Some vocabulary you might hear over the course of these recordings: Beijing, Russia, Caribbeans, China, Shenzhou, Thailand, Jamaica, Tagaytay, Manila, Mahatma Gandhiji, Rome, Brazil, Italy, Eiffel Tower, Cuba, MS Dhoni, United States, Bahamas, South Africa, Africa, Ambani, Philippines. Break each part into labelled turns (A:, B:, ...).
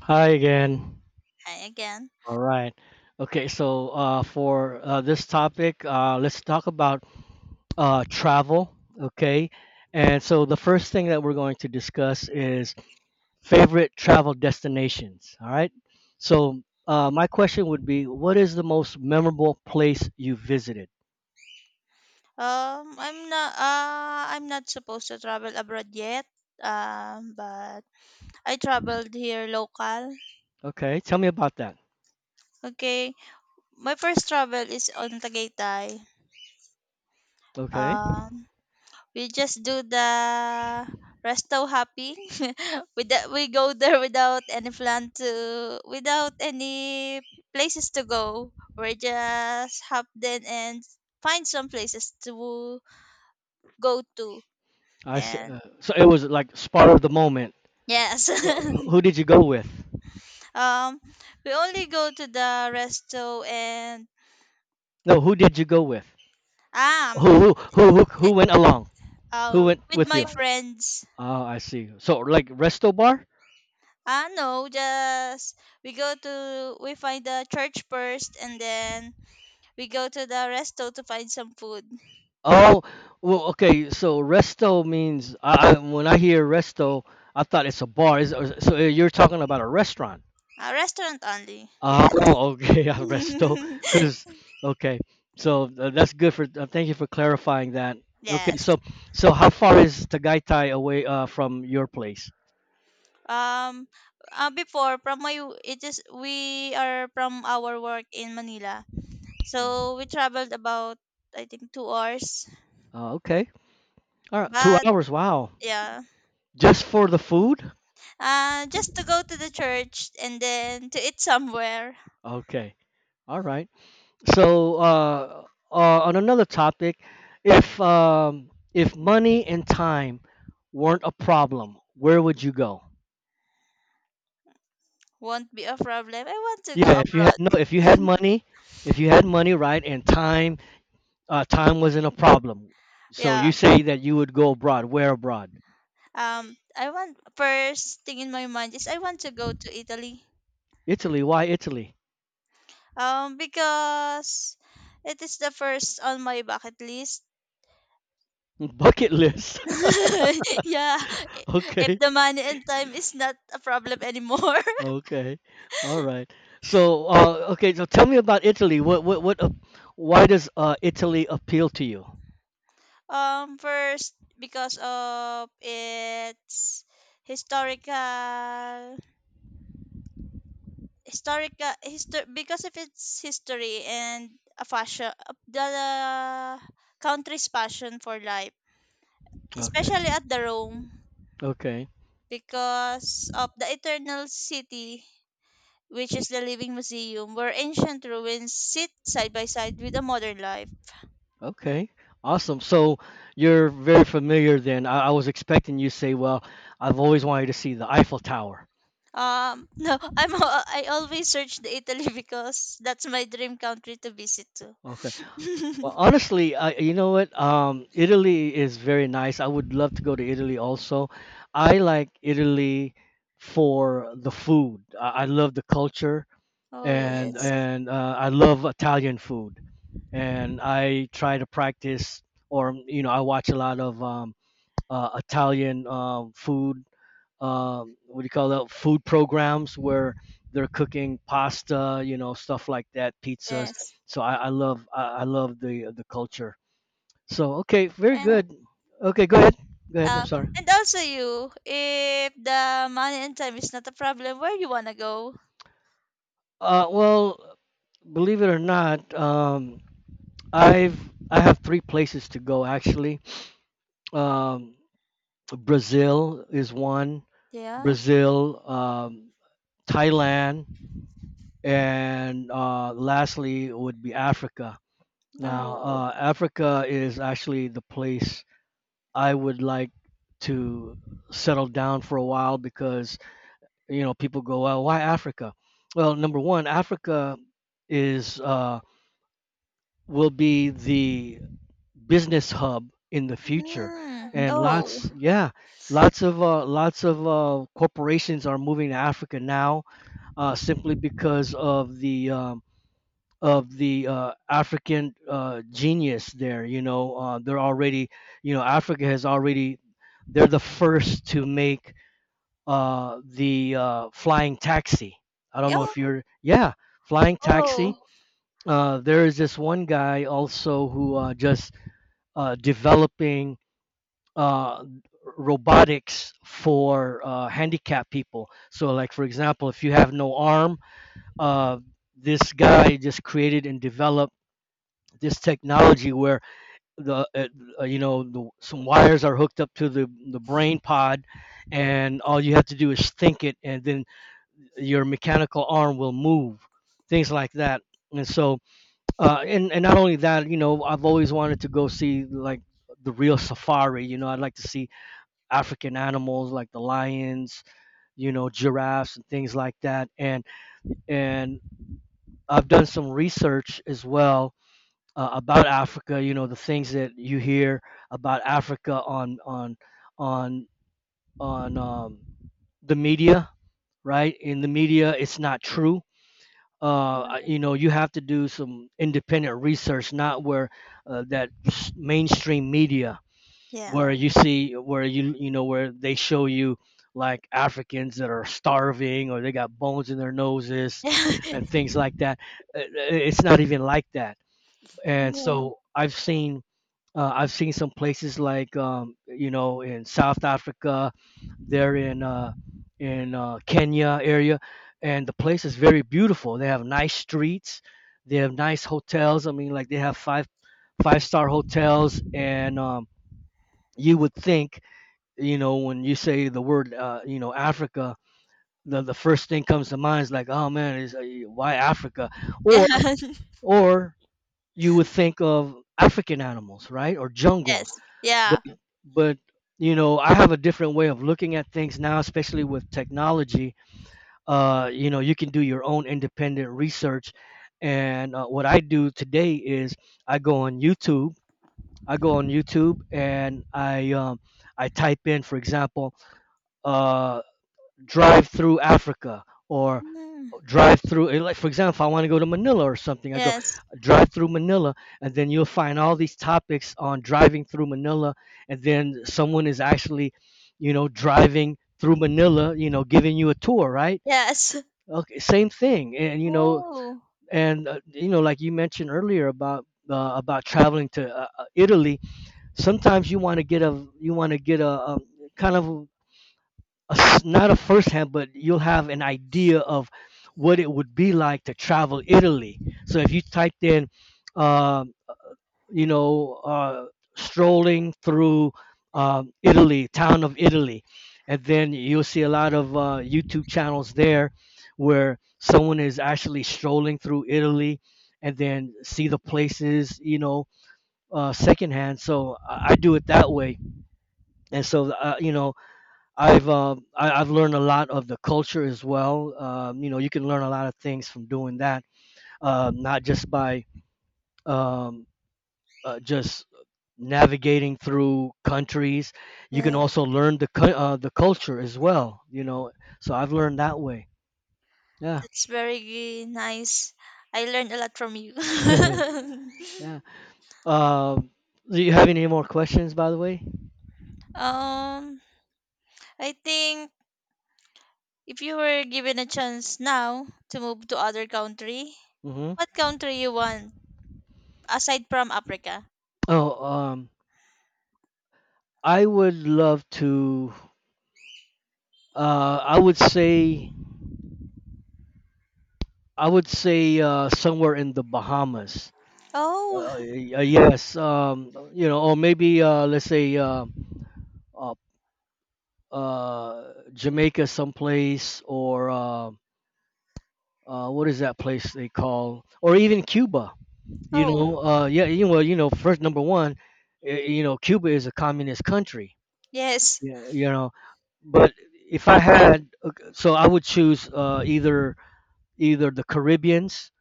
A: Hi again.
B: Hi again.
A: All right. Okay, so for this topic, let's talk about travel. Okay. And so the first thing that we're going to discuss is favorite travel destinations. All right. So my question would be, what is the most memorable place you visited?
B: I'm not. I'm not supposed to travel abroad yet. But I traveled here local.
A: Okay. Tell me about that.
B: Okay, my first travel is on Tagaytay.
A: Okay.
B: Um, we just do the resto hopping. With that, we go there without any places to go. We just hop then and find some places to go to.
A: I s-
B: And
A: uh, so it was like spur of the moment.
B: yes.
A: Who did you go with?
B: Um, we only go to the resto and
A: No, who did you go with?
B: um,
A: Who
B: eh,
A: went along?
B: uh,
A: Who went
B: with
A: with
B: my
A: you?
B: friends.
A: Oh, I see. So like resto bar?
B: No, just we go to we find the church first, and then we go to the resto to find some food.
A: Oh, well, okay. So resto means, when I hear resto, I thought it's a bar. Is so You're talking about a restaurant?
B: A restaurant only, yes.
A: Oh, okay, a resto. Because okay, so that's good for. Thank you for clarifying that. Okay,
B: Yes.
A: so how far is Tagaytay away from your place?
B: Um, Before from my it is we are from our work in Manila,
A: Mm.
B: so we traveled about I think 2 hours,
A: Okay, all right, two
B: but
A: hours. Wow,
B: yeah.
A: just for the food?
B: Just to go to the church and then to eat somewhere
A: Okay, all right. So on another topic, if money and time weren't a problem, where would you go?
B: won't be a problem. I want to
A: Yeah,
B: go abroad.
A: if you had money, if you had money, right, and time, time wasn't a problem. So
B: Yeah.
A: you say that you would go abroad. Where abroad?
B: I want First thing in my mind is I want to go to Italy.
A: Italy. Why Italy?
B: Because it is the first on my bucket list.
A: Bucket list.
B: Yeah, if
A: Okay.
B: the money and time is not a problem anymore.
A: Okay. All right. So okay. So tell me about Italy. What, why does Italy appeal to you?
B: First because of its historical historical history because of its history and a fashion the country's passion for life,
A: Okay.
B: especially at the Rome,
A: Okay.
B: because of the eternal city, which is the living museum where ancient ruins sit side by side with the modern life.
A: Okay, awesome. So you're very familiar then. I was expecting you to say, well, I've always wanted to see the Eiffel Tower.
B: No, I always search the Italy because that's my dream country to visit too.
A: Okay. Well, honestly, you know what? Italy is very nice. I would love to go to Italy also. I like Italy for the food. I love the culture
B: Oh,
A: and, oh, yes,
B: yes,
A: and I love Italian food. And I try to practice, or you know, I watch a lot of Italian food, what do you call that, food programs where they're cooking pasta, you know, stuff like that, pizzas.
B: yes.
A: So I love the culture. So okay, very
B: and
A: good. Okay, go ahead. Go ahead, I'm
B: Uh,
A: sorry.
B: and also you, if the money and time is not a problem, where you wanna go?
A: Well, believe it or not, i've I have three places to go actually. um, Brazil is one.
B: Yeah.
A: Brazil, Thailand, and lastly would be Africa. Now,
B: Oh.
A: Africa is actually the place I would like to settle down for a while because, you know, people go, well, why Africa? Well, #1, Africa is will be the business hub in the future,
B: Mm.
A: and
B: Oh.
A: lots, yeah, lots of corporations are moving to Africa now, simply because of the African genius there. You know, they're already, you know, Africa has already, they're the first to make the flying taxi. I don't know if
B: Yeah.
A: you're, yeah, flying taxi.
B: Oh.
A: There is this one guy also who just developing uh, robotics for handicapped people. So, like for example, if you have no arm, uh, this guy just created and developed this technology where the you know, some wires are hooked up to the brain pod, and all you have to do is think it and then your mechanical arm will move, things like that. And so, and not only that, you know, I've always wanted to go see like the real safari. You know, I'd like to see African animals like the lions, you know, giraffes and things like that. And and I've done some research as well about Africa. You know, the things that you hear about Africa on on on um, the media, right? In the media, it's not true.
B: Yeah.
A: You know, you have to do some independent research, not where that mainstream media,
B: Yeah.
A: where you see, where you know, where they show you like Africans that are starving or they got bones in their noses and things like that. It's not even like that. And
B: Oh.
A: so I've seen some places like, you know, in South Africa, they're in Kenya area, and the place is very beautiful. They have nice streets, they have nice hotels. I mean, like they have five-star hotels, and you would think, you know, when you say the word you know, Africa, the first thing comes to mind is like, oh man, is why Africa,
B: Yeah.
A: or or you would think of African animals, right, or jungles.
B: Yes. Yeah.
A: But but you know, I have a different way of looking at things now, especially with technology. Uh you know, you can do your own independent research. And what I do today is I go on YouTube. I go on YouTube, and I I type in, for example, uh drive through Africa, or
B: Mm.
A: drive through, like for example, if I want to go to Manila or something, I go
B: Yes.
A: drive through Manila, and then you'll find all these topics on driving through Manila. And then someone is actually, you know, driving through Manila, you know, giving you a tour, right?
B: Yes.
A: Okay, same thing. And you know,
B: Oh.
A: and you know, like you mentioned earlier about traveling to Italy, sometimes you want to get a, you want to get a kind of a, s not a firsthand, but you'll have an idea of what it would be like to travel Italy. So if you typed in, um, you know, strolling through Italy, town of Italy, and then you'll see a lot of YouTube channels there where someone is actually strolling through Italy, and then see the places, you know, secondhand. So I do it that way. And so, you know, I've I've learned a lot of the culture as well. You know, you can learn a lot of things from doing that, not just by um, just navigating through countries. You can
B: Yes.
A: also learn the the culture as well. You know, so I've learned that way. Yeah,
B: That's very nice. I learned a lot from you.
A: yeah. Um, do you have any more questions, by the way?
B: um, I think if you were given a chance now to move to other country,
A: Hmm.
B: what country you want aside from Africa?
A: Oh, I would love to. I would say, I would say somewhere in the Bahamas.
B: Oh,
A: Yes, you know, or maybe let's say uh, Jamaica, someplace, or what is that place they call, or even Cuba. You
B: oh,
A: know, yeah, you, well, you know, first, #1, you know, Cuba is a communist country.
B: yes,
A: Yeah, you know, but if I had, so I would choose either the Caribbeans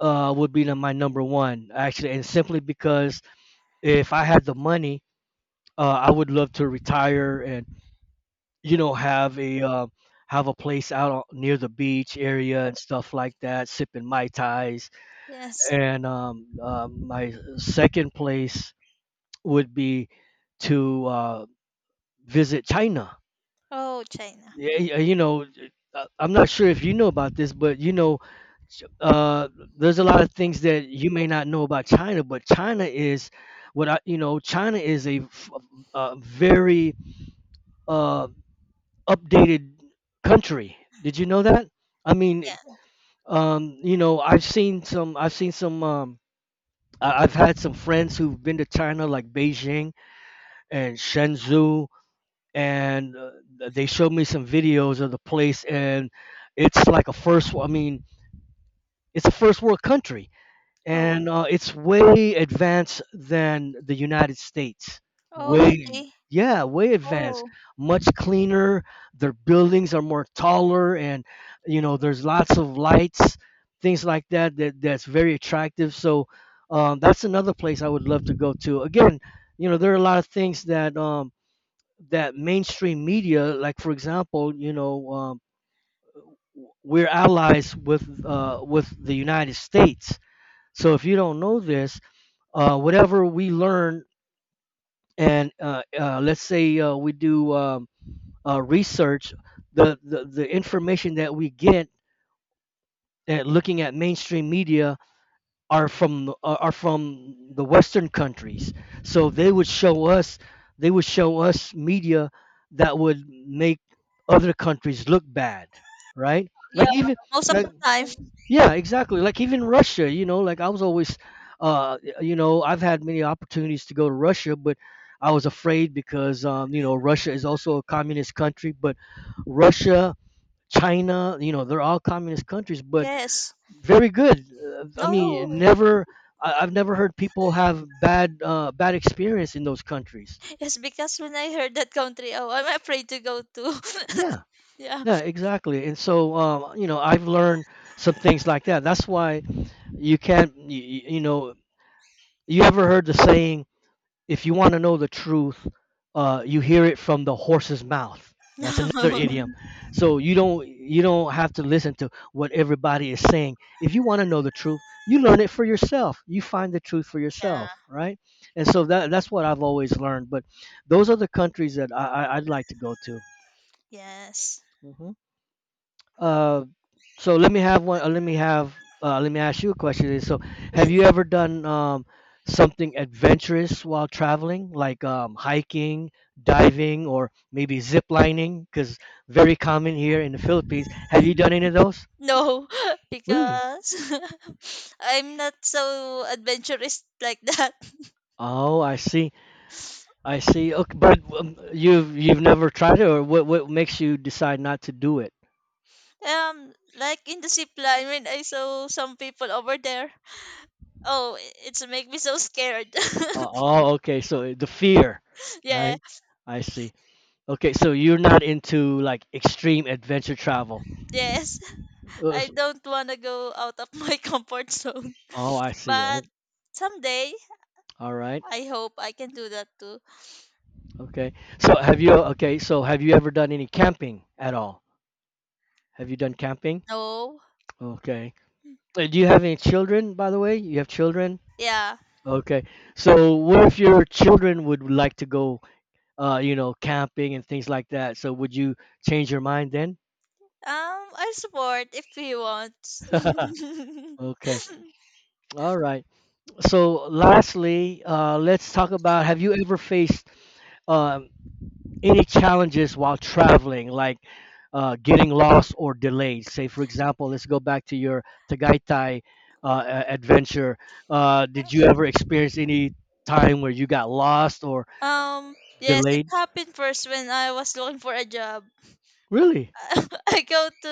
A: would be the my #1 actually, and simply because if I had the money, I would love to retire and, you know, have a place out on, near the beach area and stuff like that, sipping mai tais.
B: yes.
A: And my second place would be to visit China.
B: Oh, China.
A: Yeah, you know, I'm not sure if you know about this, but you know, ch- uh, there's a lot of things that you may not know about China, but China is what I, you know, China is a, a very uh, updated country. Did you know that? I mean,
B: Yeah.
A: you know, I've seen some. I've seen some. I've had some friends who've been to China, like Beijing and Shenzhou, and they showed me some videos of the place, and it's like a first. I mean, it's a first world country,
B: Oh,
A: and it's way advanced than the United States.
B: oh,
A: Way,
B: really?
A: yeah, way advanced.
B: Oh,
A: Much cleaner. Their buildings are more taller, and you know, there's lots of lights, things like that. That that's very attractive. So that's another place I would love to go to. Again, you know, there are a lot of things that that mainstream media, like for example, you know. We're allies with the United States. So if you don't know this, whatever we learn and let's say we do research, the information that we get at looking at mainstream media are from the are from the western countries. So they would show us, they would show us media that would make other countries look bad, right?
B: yeah.
A: Like even
B: Most of
A: like
B: the time,
A: Yeah, exactly. Like even Russia, you know, like I was always, you know, I've had many opportunities to go to Russia, but I was afraid because, you know, Russia is also a communist country, but Russia, China, you know, they're all communist countries, but
B: yes.
A: very good. I mean,
B: Oh,
A: oh, never, I've never heard people have bad, bad experience in those countries.
B: yes. Because when I heard that country, oh, I'm afraid to go to.
A: Yeah,
B: Yeah.
A: yeah, exactly. And so, you know, I've learned some things like that. That's why you can't, you know, you ever heard the saying, if you want to know the truth, you hear it from the horse's mouth. That's another
B: No.
A: idiom. So you don't have to listen to what everybody is saying. If you want to know the truth, you learn it for yourself. You find the truth for
B: Yeah.
A: yourself, right? And so that's what I've always learned. But those are the countries that I'd like to go to.
B: Yes.
A: Hmm. uh, so let me have one. Let me have. Let me ask you a question. Is, so, have you
B: Yes.
A: ever done something adventurous while traveling, like hiking, diving, or maybe zip lining? Because very common here in the Philippines. Have you
B: Mm,
A: done any of those?
B: No,
A: Really?
B: because I'm not so adventurous like that.
A: Oh, I see. I see. Okay, but you've never tried it, or what makes you decide not to do it?
B: Like in the zip line when I saw some people over there. Oh, it's make me so scared.
A: Oh, okay. So the fear,
B: Yeah,
A: right? I see. Okay, so you're not into like extreme adventure travel.
B: yes.
A: Uh,
B: I
A: s-
B: don't wanna go out of my comfort zone.
A: Oh, I see.
B: But
A: Oh,
B: someday
A: all right.
B: I hope I can do that too.
A: Okay. So have you, okay, so have you ever done any camping at all? Have you done camping?
B: No.
A: Okay. Do you have any children, by the way? You have children?
B: Yeah.
A: Okay. So what if your children would like to go you know, camping and things like that? So would you change your mind then?
B: Um, I support if he wants.
A: Okay. All right. So lastly, let's talk about, have you ever faced um, any challenges while traveling, like getting lost or delayed? Say, for example, let's go back to your Tagaytay adventure. Did you ever experience any time where you got lost or
B: um, yes,
A: delayed?
B: it happened first when I was looking for a job.
A: Really?
B: I go to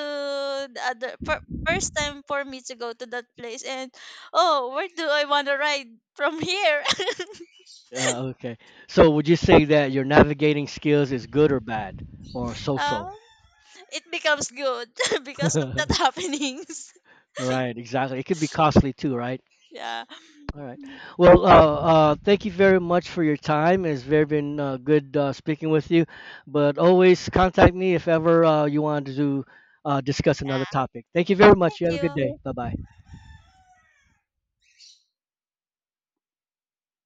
B: the other for first time for me to go to that place and oh where do I wanna ride from here?
A: Okay. So, would you say that your navigating skills is good or bad, or
B: um,
A: so-so?
B: it becomes good because of that happenings.
A: Right, exactly. It could be costly too, right?
B: Yeah.
A: All right.
B: Mm,
A: Well, thank you very much for your time. It's very been good speaking with you. But always contact me if ever you want to discuss another
B: Yeah.
A: topic. Thank you very much. You
B: Thank
A: have a good
B: you.
A: day. Bye bye.